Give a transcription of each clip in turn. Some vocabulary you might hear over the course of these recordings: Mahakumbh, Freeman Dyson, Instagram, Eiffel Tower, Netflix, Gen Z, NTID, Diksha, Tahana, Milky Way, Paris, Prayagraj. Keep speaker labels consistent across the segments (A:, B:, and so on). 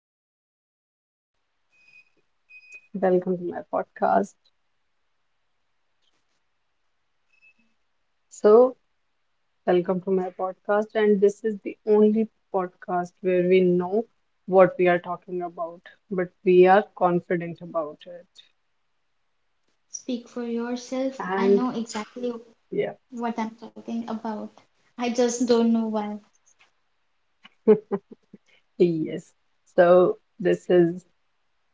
A: Hi,
B: Welcome to my podcast. So, welcome to my podcast, and this is the only podcast where we know what we are talking about, but we are confident about it.
A: speak for yourself. I
B: And
A: know exactly
B: yeah,
A: what I'm talking about. I just don't know why.
B: yes. So, this is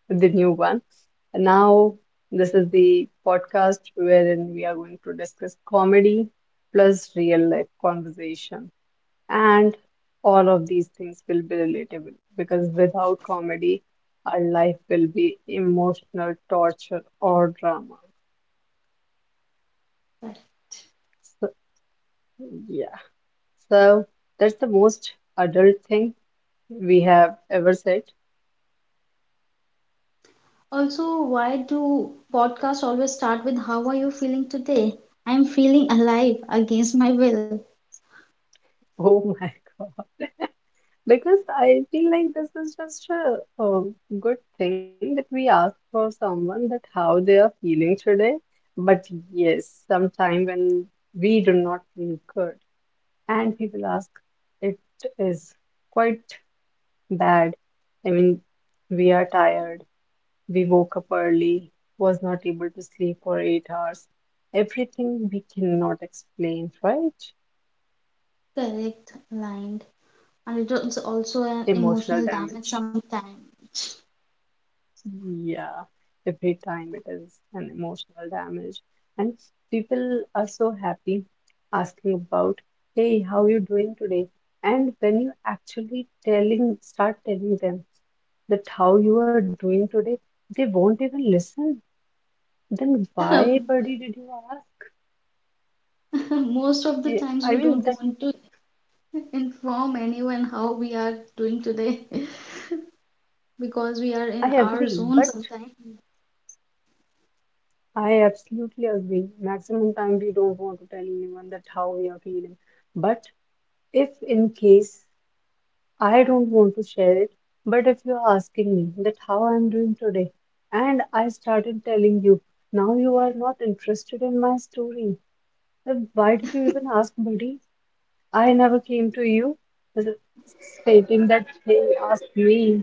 B: the new one. And now, this is the podcast wherein we are going to discuss comedy plus real life conversation. And all of these things will be relatable because without comedy, our life will be emotional torture or drama.
A: But
B: So, yeah. So that's the most adult thing we have ever said.
A: also, why do podcasts always start with how are you feeling today? I'm feeling alive against my will.
B: Oh my God. Because I feel like this is just a good thing that we ask for someone that how they are feeling today. But yes, sometime when we do not feel good, and people ask it is quite bad, I mean, we are tired, we woke up early, was not able to sleep for 8 hours, everything we cannot explain, right?
A: Correct, aligned. And it is also an
B: Emotional
A: emotional damage
B: damage.
A: sometimes.
B: Yeah, every time it is an emotional damage. And people are so happy asking about, hey, how you doing today? And when you actually telling, start telling them that how you are doing today, they won't even listen. Then why,
A: But
B: buddy, did you ask?
A: most of the
B: Eh,
A: times we
B: I
A: don't
B: mean, that
A: want to inform anyone how we are doing today because we are in
B: I
A: our
B: agree,
A: zone
B: but
A: sometimes.
B: I absolutely agree. Maximum time we don't want to tell anyone that how we are feeling. But if in case I don't want to share it, but if you're asking me that how I'm doing today, and I started telling you, now you are not interested in my story, then why did you even ask, buddy? I never came to you uh, stating that, hey, ask me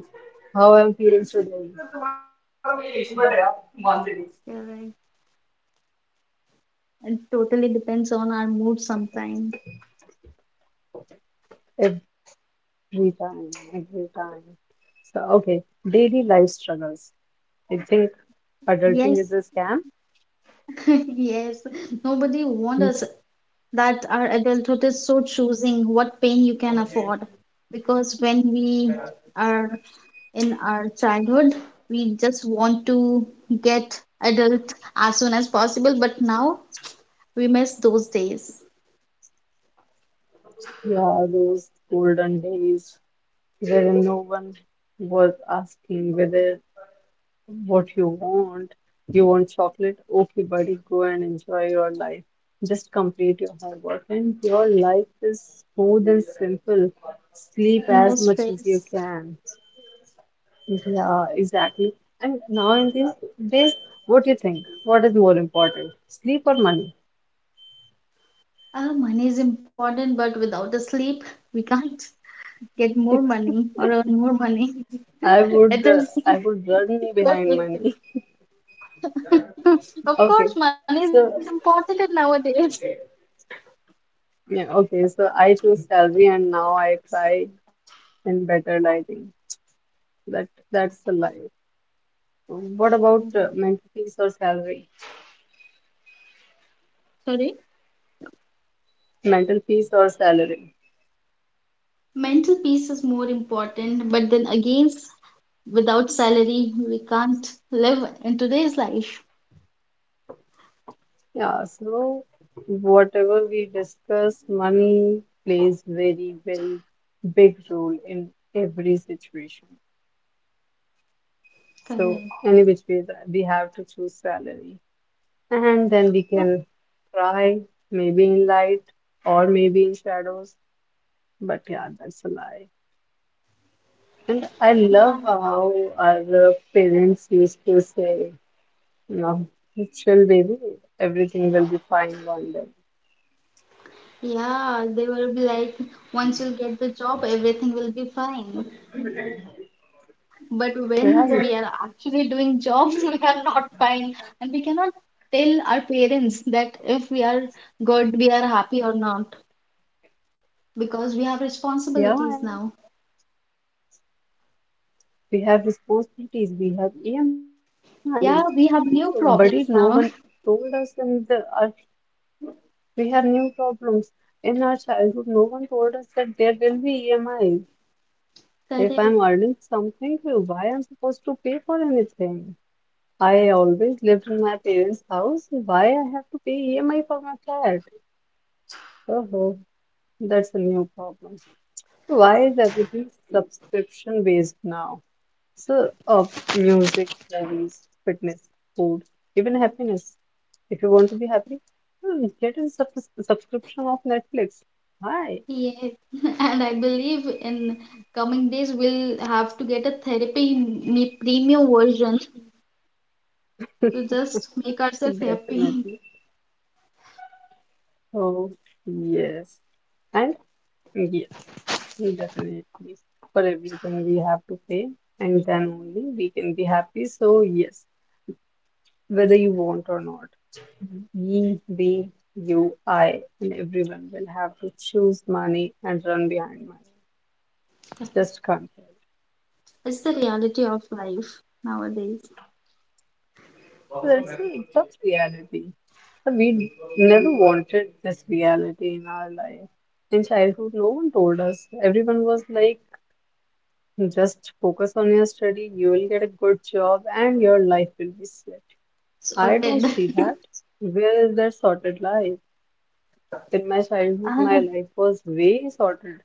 B: how I'm feeling today.
A: Correct. It totally depends on our mood sometimes.
B: Every time, every time. So, okay, daily life struggles. I think adulting is a scam.
A: Yes, yes. Nobody warned us that our adulthood is so choosing what pain you can afford. Because when we are in our childhood, we just want to get adult as soon as possible. But now we miss those days.
B: Yeah, those golden days wherein no one was asking whether what you want. You want chocolate? Okay, buddy, go and enjoy your life. Just complete your homework, and your life is smooth and simple. Sleep
A: No
B: as much as you
A: stress.
B: can. Yeah, exactly. And now in these days, what do you think? What is more important, sleep or money?
A: Money is important, but without the sleep, we can't get more money or earn more money.
B: I
A: It
B: would, uh,
A: is
B: I would run behind
A: totally
B: money.
A: Of course,
B: Okay.
A: money is important
B: So
A: nowadays.
B: Yeah, okay. So I choose salary and now I try in better lighting. That that's the life. What about
A: Correct.
B: mental peace or salary?
A: Sorry.
B: Mental peace or salary?
A: Mental peace is more important, but then again, without salary, we can't live in today's life.
B: Yeah, so whatever we discuss, money plays very, very big role in every situation. So
A: Correct.
B: any which way that we have to choose salary. And then we can cry, maybe in light or maybe in shadows. But yeah, that's a lie. And I
A: Yeah, yeah,
B: love how our parents used to say, you know, chill, baby, everything will be fine one day.
A: yeah, they will be like, once you get the job, everything will be fine. But when we
B: Right?
A: are actually doing jobs, we are not fine. And we cannot tell our parents that if we are good, we are happy or not, because we have
B: Yeah,
A: responsibilities now.
B: we have responsibilities, we have EMIs, but
A: Yeah,
B: it, no
A: we have
B: one
A: new
B: told
A: problems
B: us,
A: now.
B: we have new problems. In our childhood, no one told us that there will be EMIs. If I'm earning
A: Correct.
B: something, why I'm supposed to pay for anything? I always lived in my parents' house. Why I have to pay EMI for my flat? Oh, that's a new problem. So why is everything subscription based now? So, uh, Music, movies, fitness, food, even happiness. If you want to be happy, hmm, get a subscription of Netflix. Why?
A: Yes. And I believe in coming days we'll have to get a therapy me premium version to just make ourselves happy.
B: Definitely. Oh yes. And definitely. For everything we have to pay, and then only we can be happy. So, yes, whether you want or not, we, we, you, I, and everyone will have to choose money and run behind money. Just can't help.
A: It's the reality of life nowadays.
B: That's the tough reality. But We never wanted this reality in our life. In childhood, no one told us. Everyone was like, just focus on your study, you will get a good job, and your life will be set. I don't
A: Sorted.
B: see that. Where is that sorted life? In my childhood, my
A: Ah,
B: life was way sorted.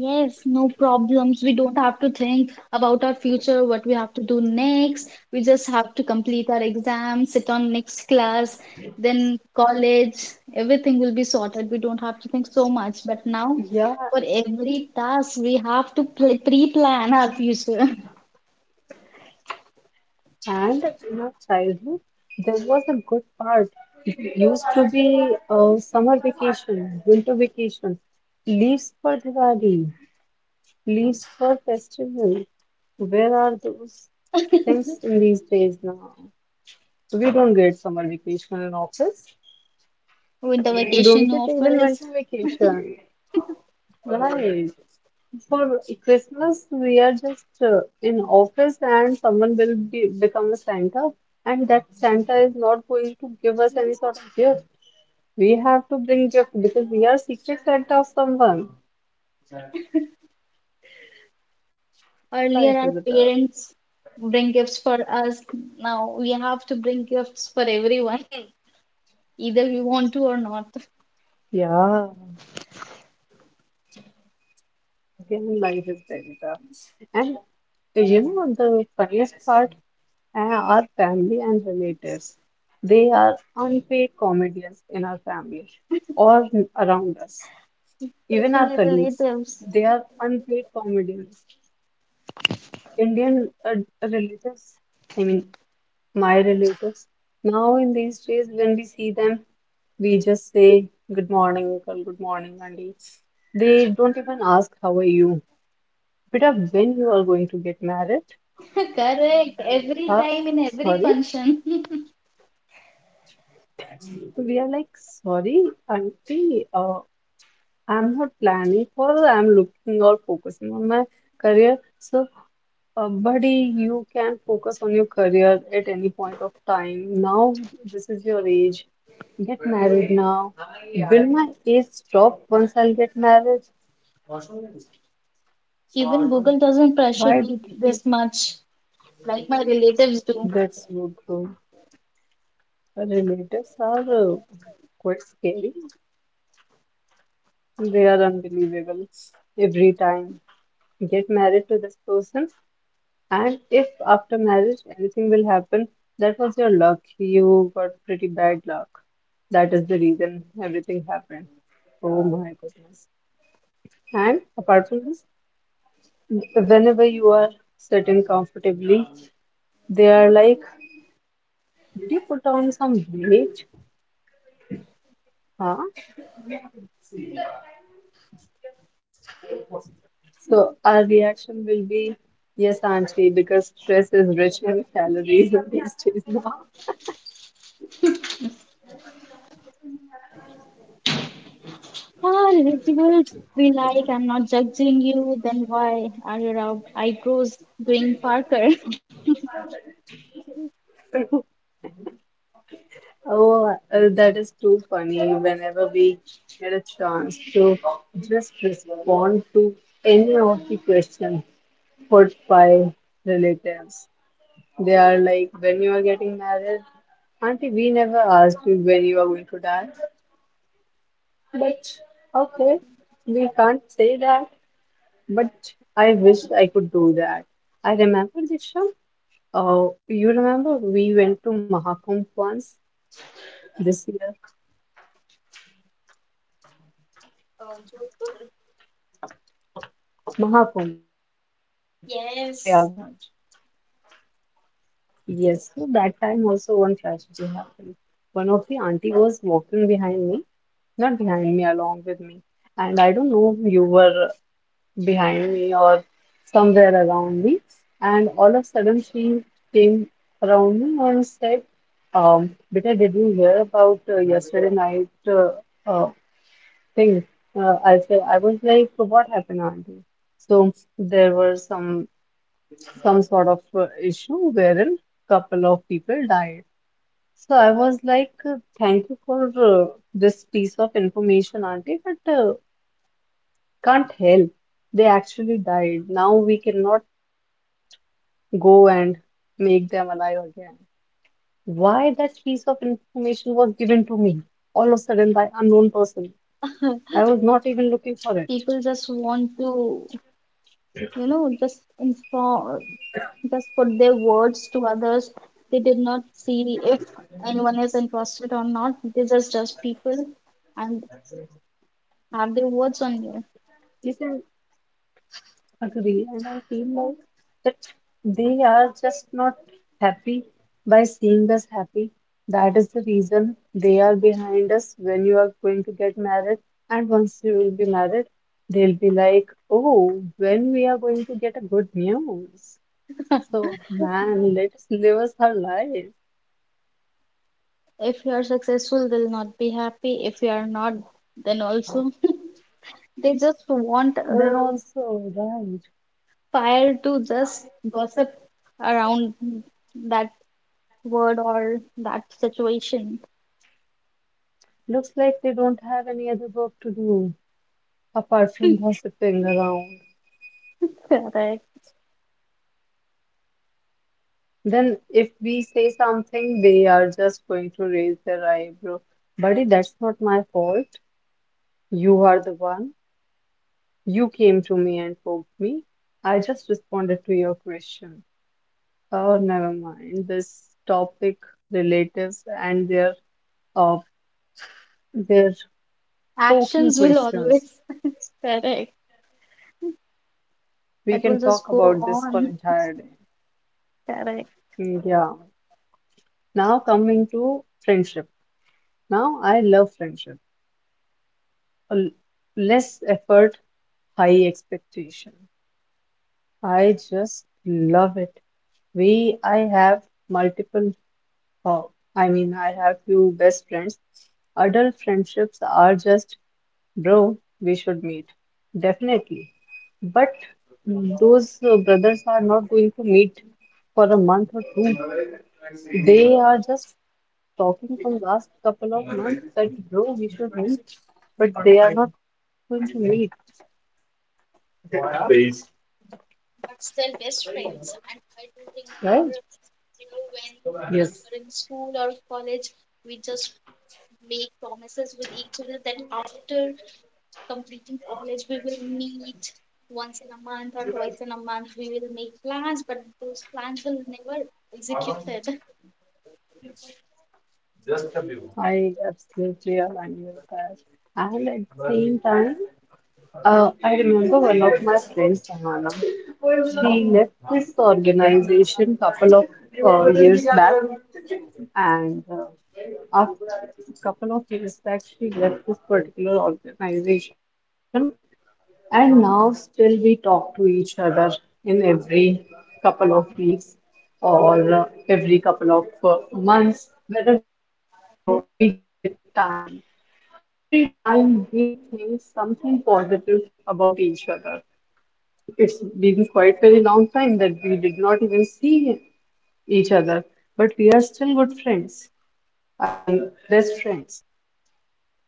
A: yes, no problems. We don't have to think about our future, what we have to do next. We just have to complete our exam, sit on next class, then college. Everything will be sorted. We don't have to think so much. But now,
B: Yeah,
A: for every task, we have to pre-plan our future.
B: and in our childhood, there was a good part. It used to be summer vacation, winter vacation, leaves for Diwali, leaves for festival. Where are those things in these days now? We don't get summer vacation in office.
A: Winter
B: We don't
A: vacation
B: get even
A: offers.
B: winter vacation. Right. For Christmas, we are just in office and someone will be, become a Santa, and that Santa is not going to give us any sort of gift. We have to bring gift because we are secret Santa of someone.
A: Earlier, our
B: Life is tough.
A: parents bring gifts for us. Now we have to bring gifts for everyone, either we want to or not,
B: Yeah, again, life is very tough. And you know the funniest part, our family and relatives, they are unpaid comedians in our family or around us. Even our
A: especially
B: colleagues,
A: relatives.
B: they are unpaid comedians. Indian relatives, I mean, my relatives, now in these days, when we see them, we just say, good morning, uncle, good morning, auntie. They don't even ask, how are you? But when you are going to get married,
A: Correct. Every
B: uh,
A: time in every
B: sorry,
A: function.
B: we are like, sorry, auntie, I'm not planning for, I'm looking or focusing on my career. So, uh, buddy, you can focus on your career at any point of time. Now, this is your age. Get married now. Will my age stop once I'll get married?
A: Even Google doesn't pressure
B: Why do
A: me
B: people
A: this much, like my relatives do.
B: that's so though? Relatives are quite scary. They are unbelievable every time. Get married to this person. And if after marriage anything will happen, that was your luck. You got pretty bad luck. That is the reason everything happened. Oh my goodness. And apart from this, whenever you are sitting comfortably, they are like, did you put on some weight? Huh? So our reaction will be, yes, auntie, because stress is rich in calories these days now.
A: Ah, relatives be like, I'm not judging you, then why are your eyebrows doing Parker.
B: Oh, that is too funny. Whenever we get a chance to just respond to any of the questions put by relatives, they are like, when you are getting married, auntie, we never asked you when you are going to die. But okay, we can't say that. But I wish I could do that. I remember this show. Oh, you remember we went to Mahakumbh once this year? Mahakumbh, Prayagraj.
A: Yes.
B: Yes, so that time also one tragedy happened. One of the auntie was walking behind me, not behind me, along with me. And I don't know, you were behind me or somewhere around me. And all of a sudden she came around me and said, beta, did you hear about yesterday night uh, thing? I was like, what happened, auntie? So there were some sort of issue wherein couple of people died. So I was like, thank you for this piece of information, auntie, but can't help. They actually died. Now we cannot go and make them alive again. Why that piece of information was given to me all of a sudden by unknown person? I was not even looking for it.
A: People just want to, just inform, just put their words to others. They did not see if anyone is interested or not. They just judge people, and have their words on you.
B: You see, agree. And I feel like that they are just not happy by seeing us happy. That is the reason they are behind us when you are going to get married. And once you will be married, they'll be like, oh, when we are going to get a good news. So, man, let us live us her life.
A: If you are successful, they'll not be happy. If you are not, then also they just want a
B: Then also, right,
A: fire to just gossip around that word or that situation.
B: looks like they don't have any other work to do apart from gossiping around.
A: Correct.
B: Then, if we say something, they are just going to raise their eyebrow. Buddy, that's not my fault. You are the one. You came to me and poked me. I just responded to your question. Oh, never mind. This topic, relatives and uh, their poking
A: Actions will
B: questions.
A: always correct.
B: We
A: That will
B: can
A: just
B: talk
A: go
B: about this for
A: on.
B: entire day.
A: Correct.
B: Mm, yeah. Now coming to friendship. Now I love friendship. A l- Less effort, high expectation. I just love it. I have multiple, oh, I mean, I have few best friends. Adult friendships are just, bro, we should meet. Definitely. But mm, those brothers are not going to meet for a month or two. They are just talking from last couple of months that, bro, we should meet. But they are not going to meet,
A: But still best friends. And I do remember, when we
B: right?
A: were in school or college, we just make promises with each other that after completing college, we will meet once in a month or twice in a month. We will make plans, but those plans will never executed.
B: Just a view. I absolutely align with that. And at the But same time, I remember one of my friends, Tahana, she left this organization couple of years back, and after couple of years back, she left this particular organization, and now still we talk to each other in every couple of weeks or every couple of months, whenever we get time. Every time we think something positive about each other, it's been quite very long time that we did not even see each other, but we are still good friends. I mean, best friends.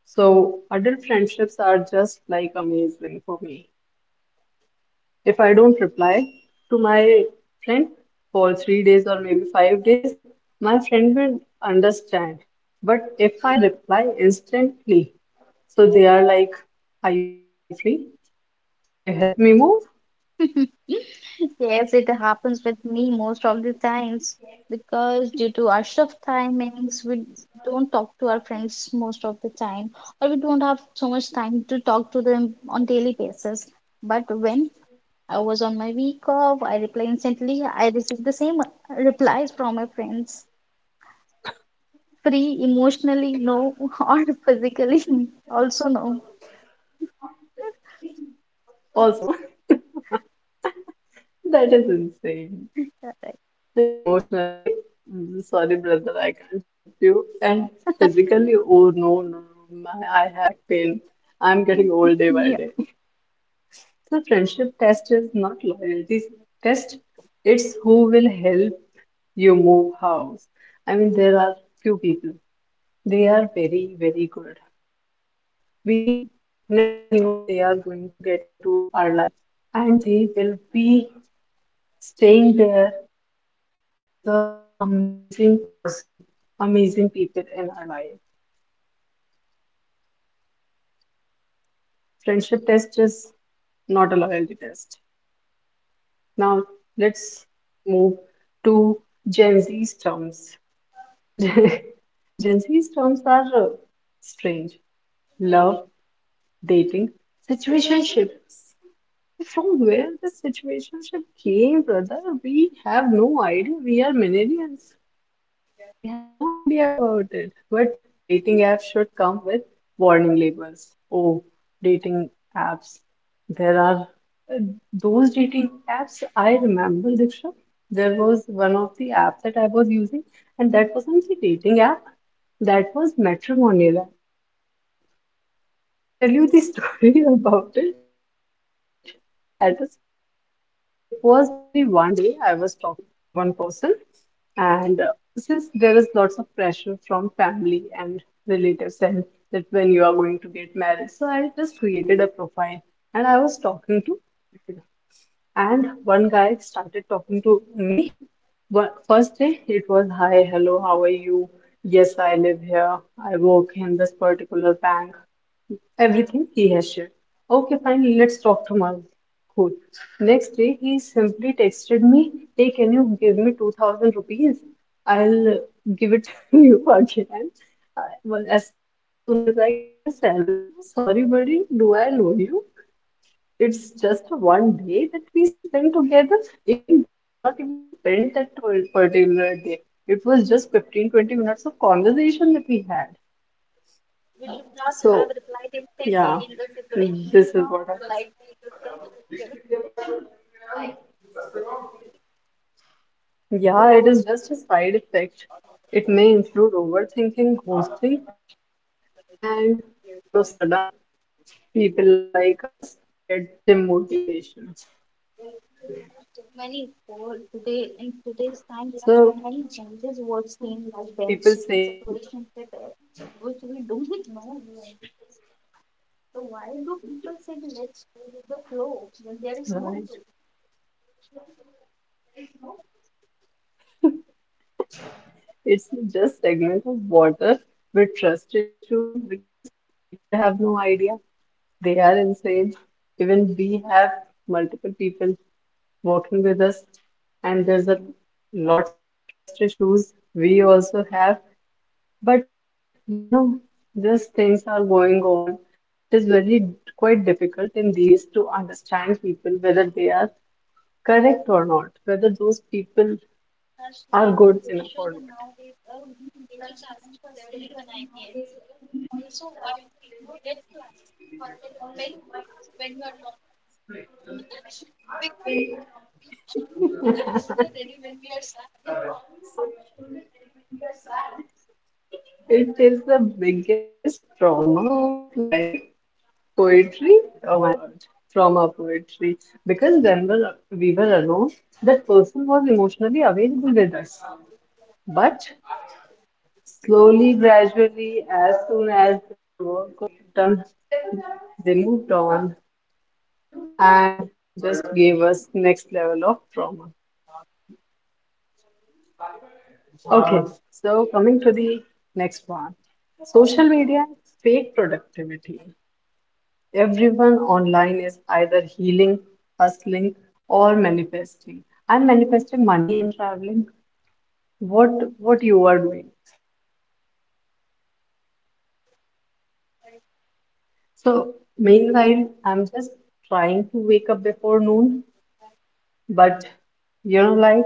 B: So adult friendships are just like amazing for me. If I don't reply to my friend for 3 days or maybe 5 days, my friend will understand. But if I reply instantly, so they are like, "Are you free? Can you help me move?"
A: Yes, it happens with me most of the times because due to our shift timings, we don't talk to our friends most of the time, or we don't have so much time to talk to them on daily basis. But when I was on my week off, I reply instantly. I received the same replies from my friends. Free emotionally no or physically also no.
B: Also, no. That is insane.
A: Correct.
B: The emotionally, "Mm, sorry, brother, I can't help you." And physically, oh no, no, no, my, I have back pain. I'm getting old day by day.
A: Yeah,
B: So, friendship test is not loyalty test, it's who will help you move house. I mean, there are few people, they are very, very good. We never knew they are going to get into our life and they will be staying there as an amazing person, amazing people in our life. Friendship test is not a loyalty test. Now let's move to Gen Z's terms. Gen Z's terms are strange. Love, dating, situationships. From where the situationship came, brother, we have no idea. We are millennials. We have no idea about it, but dating apps should come with warning labels. Oh, dating apps. There are uh, those dating apps I remember, Diksha. There was one of the app that I was using, and that wasn't the dating app, that was matrimonial app. I'll tell you the story about it. And that is funny. It was only one day I was talking to one person, and since there is lots of pressure from family and relatives, and that when you are going to get married, so I just created a profile and I was talking to, people. And one guy started talking to me. First day, it was, "Hi, hello, how are you? Yes, I live here. I work in this particular bank." Everything he has shared. "Okay, fine, let's talk tomorrow. Good." Next day, he simply texted me, "Hey, can you give me 2,000 rupees? I'll give it to you again. I, well, as soon as I get my salary." Sorry, buddy, do I owe you? It's just one day that we spent together. Even we did not even spend that particular day. It was just 15 to 20 minutes of conversation that we had. So, yeah, this is what happens. Yeah, it is just a side effect. It may include overthinking, ghosting, and all of a sudden, people like us get gym motivation. So, why do people say, right, it's just segment of water with trust issues? Because people have no idea. They are insane. Even we have multiple people working with us and there's a lots of trust issues we also have, but you know, just things are going on. It is very quite difficult in these days to understand people whether they are correct or not, whether those people are good enough or
A: also why we know red flags are going to fail when you are not with it. Because we already have a
B: not.
A: shoulder ready when we are sad.
B: It is the biggest trauma of life. Poetry? Oh my God. Trauma poetry. Because we were alone, that person was emotionally available with us. But slowly, gradually, as soon as their work got done, they moved on and just gave us next level of trauma. Okay, so coming to the next one. Social media, fake productivity. Everyone online is either healing, hustling, or manifesting. I'm manifesting money and traveling. What what you are doing? So meanwhile, I'm just trying to wake up before noon, but you know, like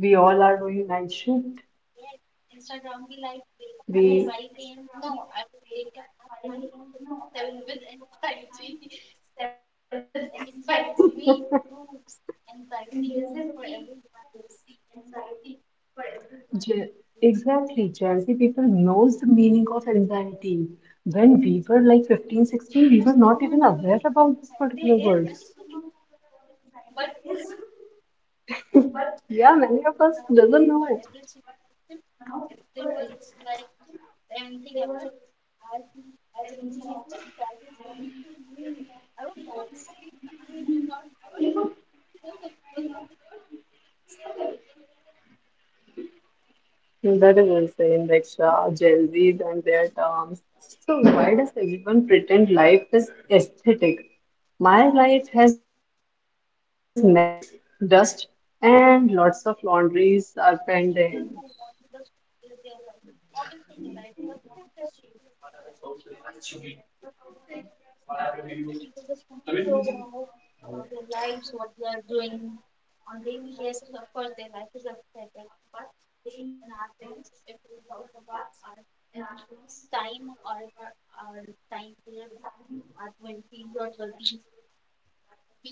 B: we all are doing night shift.
A: Yes. Instead, of be like, wake up at
B: We
A: 5 a.m. No, I will wake up at 9:57 with anxiety. Instances we use anxiety for everyone. You're
B: Ge- Exactly, Gen Z people knows the meaning of anxiety. When we were like 15, 16, we were not
A: still
B: even
A: not
B: aware
A: aware what
B: about this
A: anxiety
B: particular
A: is.
B: word.
A: but but
B: Yeah, many of
A: now
B: us doesn't
A: for
B: know.
A: every single person, if they were like anything happen, I think everything I think I is coming to me. I don't even feel fine. I'm not good. So the
B: That is insane, Diksha. Gen Zs and their terms. So why does everyone pretend life is aesthetic? My life has mess, dust, and lots of laundries are pending.
A: people who want to just live their life, obviously their life was better if people just want to go out about their lives, what they are doing on daily basis. Of course, their life is affected, but in our terms, if we talk about our time or if our time period, our twenties or thirties, we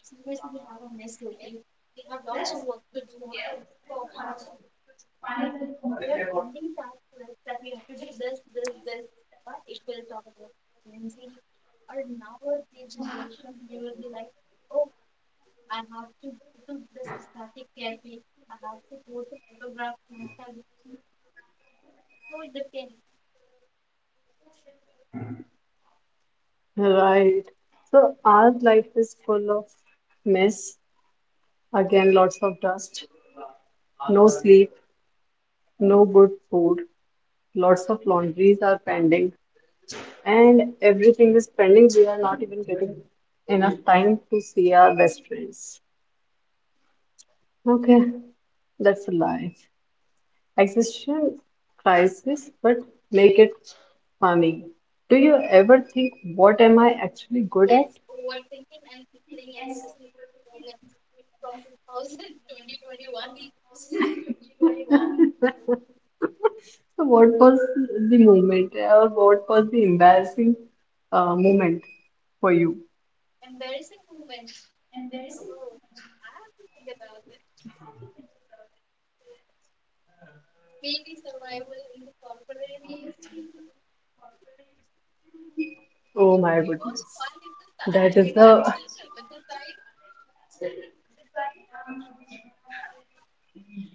A: so we have a mess. Day. We have lots of work to do and we are pending tasks like that we have to do this, this, this, but it will talk about Wednesday. Or now the generation, they will be like, oh, I have to do this aesthetic therapy. I have to post a photograph on Instagram. So it depends.
B: Right. So our life is full of mess. Again, lots of dust, no sleep, no good food, lots of laundries are pending, and everything is pending. We are not even getting enough time to see our best friends. Okay, that's a life. Existential crisis, but make it funny. Do you ever think, what am I actually good
A: Yes,
B: at?
A: overthinking and replaying embarrassing moments from 2000 2021.
B: So what was the moment or what was the embarrassing moment for you?
A: Embarrassing moments. Oh, I have to think about this. Mainly survival in the corporate.
B: Oh my
A: It was
B: goodness.
A: fun in the
B: That
A: starting,
B: is the
A: but with the time,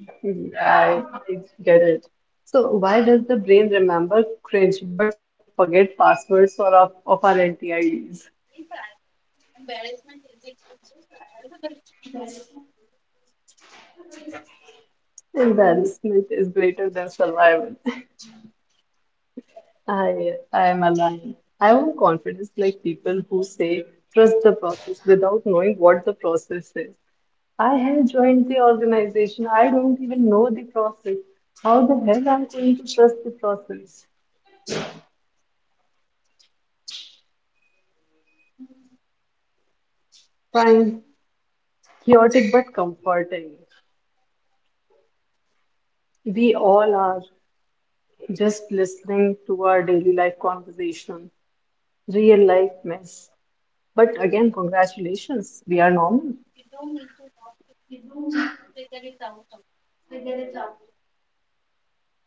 B: I, I get it. So why does the brain remember cringe but forget passwords or of our NTIDs?
A: embarrassment is it good to survive, but
B: Embarrassment is greater than survival. I am aligned. I want confidence like people who say trust the process without knowing what the process is. I have joined the organization. I don't even know the process. How the hell I'm going to trust the process? Fine, chaotic but comforting. We all are just listening to our daily life conversation, real life mess. But again, congratulations, we are normal.
A: you don't need to talk, figure it out.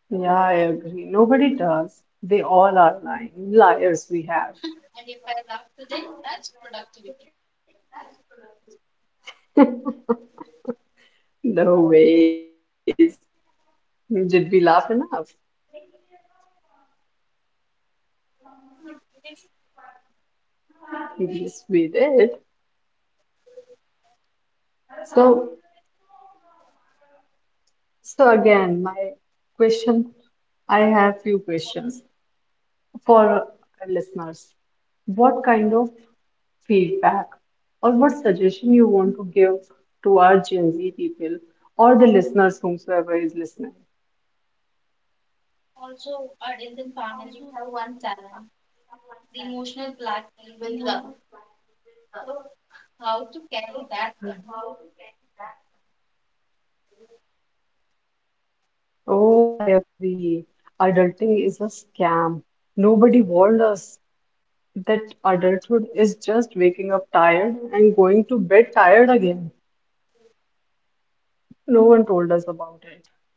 B: Yeah, I agree. Nobody does. They all are lying. Liars we have.
A: And if I laugh today, that's productivity.
B: No ways. Did we laugh enough? Yes, we did. So So again, my question, I have few questions for our listeners. What kind of feedback or what suggestion you want to give to our Gen Z people or the listeners whomsoever is listening?
A: Also our Indian families have one challenge, the emotional blackmail with love. So how to carry that one?
B: Oh, I agree. Adulting is a scam. Nobody warned us that adulthood is just waking up tired and going to bed tired again. No one told us about it.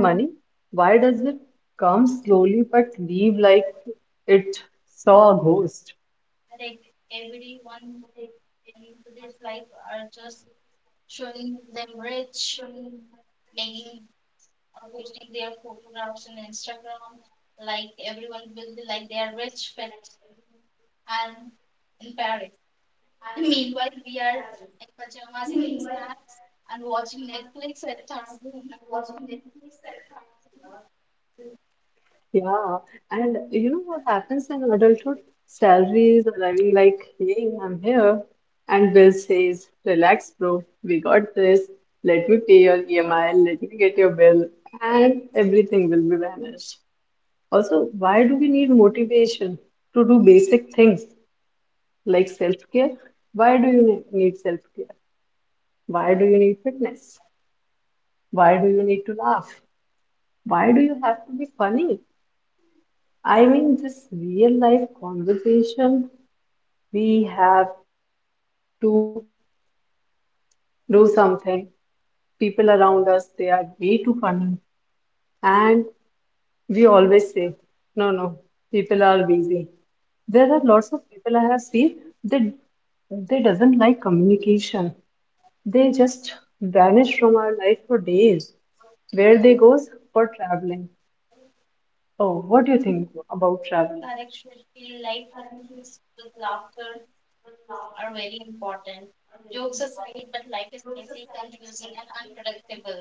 B: And money, why does it come slowly but leave like it saw a
A: Like
B: ghost?
A: everyone in today's life are just showing them rich, making posting their photographs on Instagram, like everyone will be like they are rich, fit, and in Paris. Meanwhile, we are in pajamas eating snacks and watching Netflix at our home.
B: Yeah, and you know what happens in adulthood? Salary is arriving like, "Hey, I'm here." And Bill says, "Relax, bro, we got this. Let me pay your EMI, let me get your bill," and everything will be vanished. Also, why do we need motivation to do basic things like self-care? Why do you need self-care? Why do you need fitness? Why do you need to laugh? Why do you have to be funny? I mean, this real life conversation, we have to do something. People around us, they are way too funny. And we always say, no, no, people are busy. There are lots of people I have seen, they, they doesn't like communication. They just vanish from our life for days. Where they goes for traveling, oh, what do you think about
A: That
B: travel?
A: actually feel like friends with laughter are very important. Jokes aside, but life is messy, confusing, and unpredictable.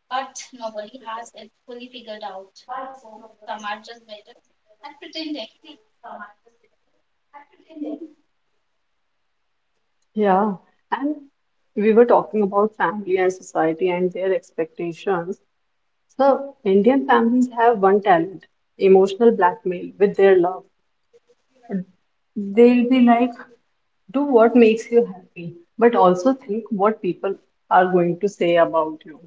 A: But nobody has it fully figured out. So some are just better at pretending.
B: Yeah, and we were talking about family and society and their expectations. So, Indian families have one talent, emotional blackmail with their love. They'll be like, "Do what makes you happy, but also think what people are going to say about you."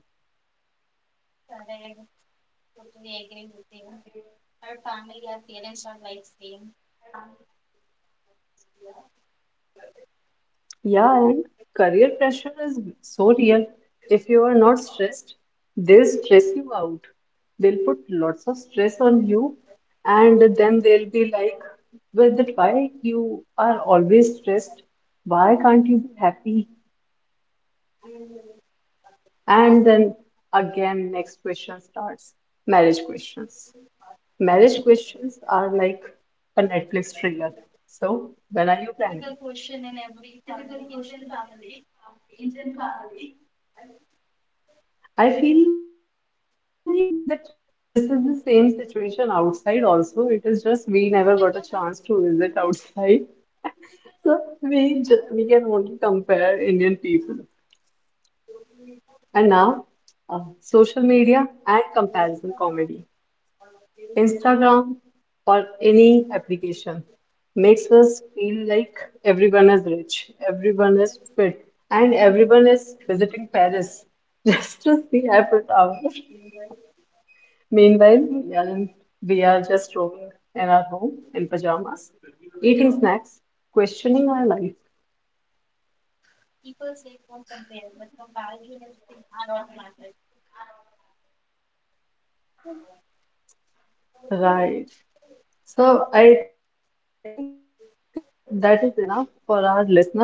B: Yeah, and career pressure is so real. If you are not stressed, they'll stress you out. They'll put lots of stress on you, and then they'll be like, "Well, that why you are always stressed? Why can't you be happy?" And then again, next question starts. Marriage questions. Marriage questions are like a Netflix trailer. So, when are you
A: Typical
B: planning?
A: question in every family, Indian family,
B: I feel like that this is the same situation outside also. It is just we never got a chance to visit outside. So we can only compare Indian people. And now, social media and comparison comedy. Instagram or any application makes us feel like everyone is rich, everyone is fit, and everyone is visiting Paris just to see Eiffel Tower. Meanwhile, Jan we are just roaming in our home in pajamas, eating snacks, questioning our life.
A: are automatic.
B: Right. So I think that is enough for our listeners. Diksha,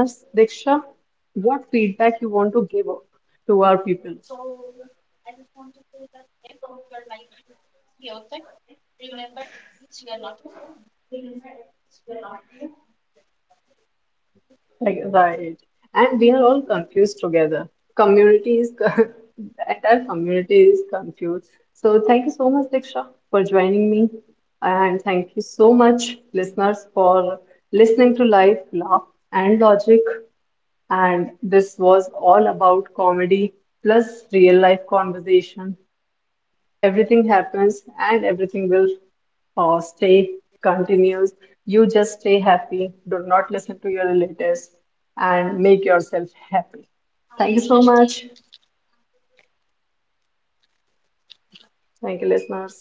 B: what feedback you want to give to our people?
A: So I just want to say that if your life is chaotic, remember at least you are not alone.
B: Like, right. And we are all confused together. Community is, the entire community is confused. So thank you so much, Diksha, for joining me. And thank you so much, listeners, for listening to Life, Laugh, and Logic. And this was all about comedy plus real life conversation. Everything happens and everything will stay continuous. You just stay happy, do not listen to your relatives, and make yourself happy. Thank
A: Thank
B: you
A: you,
B: so
A: Shashti.
B: much. Thank you, listeners.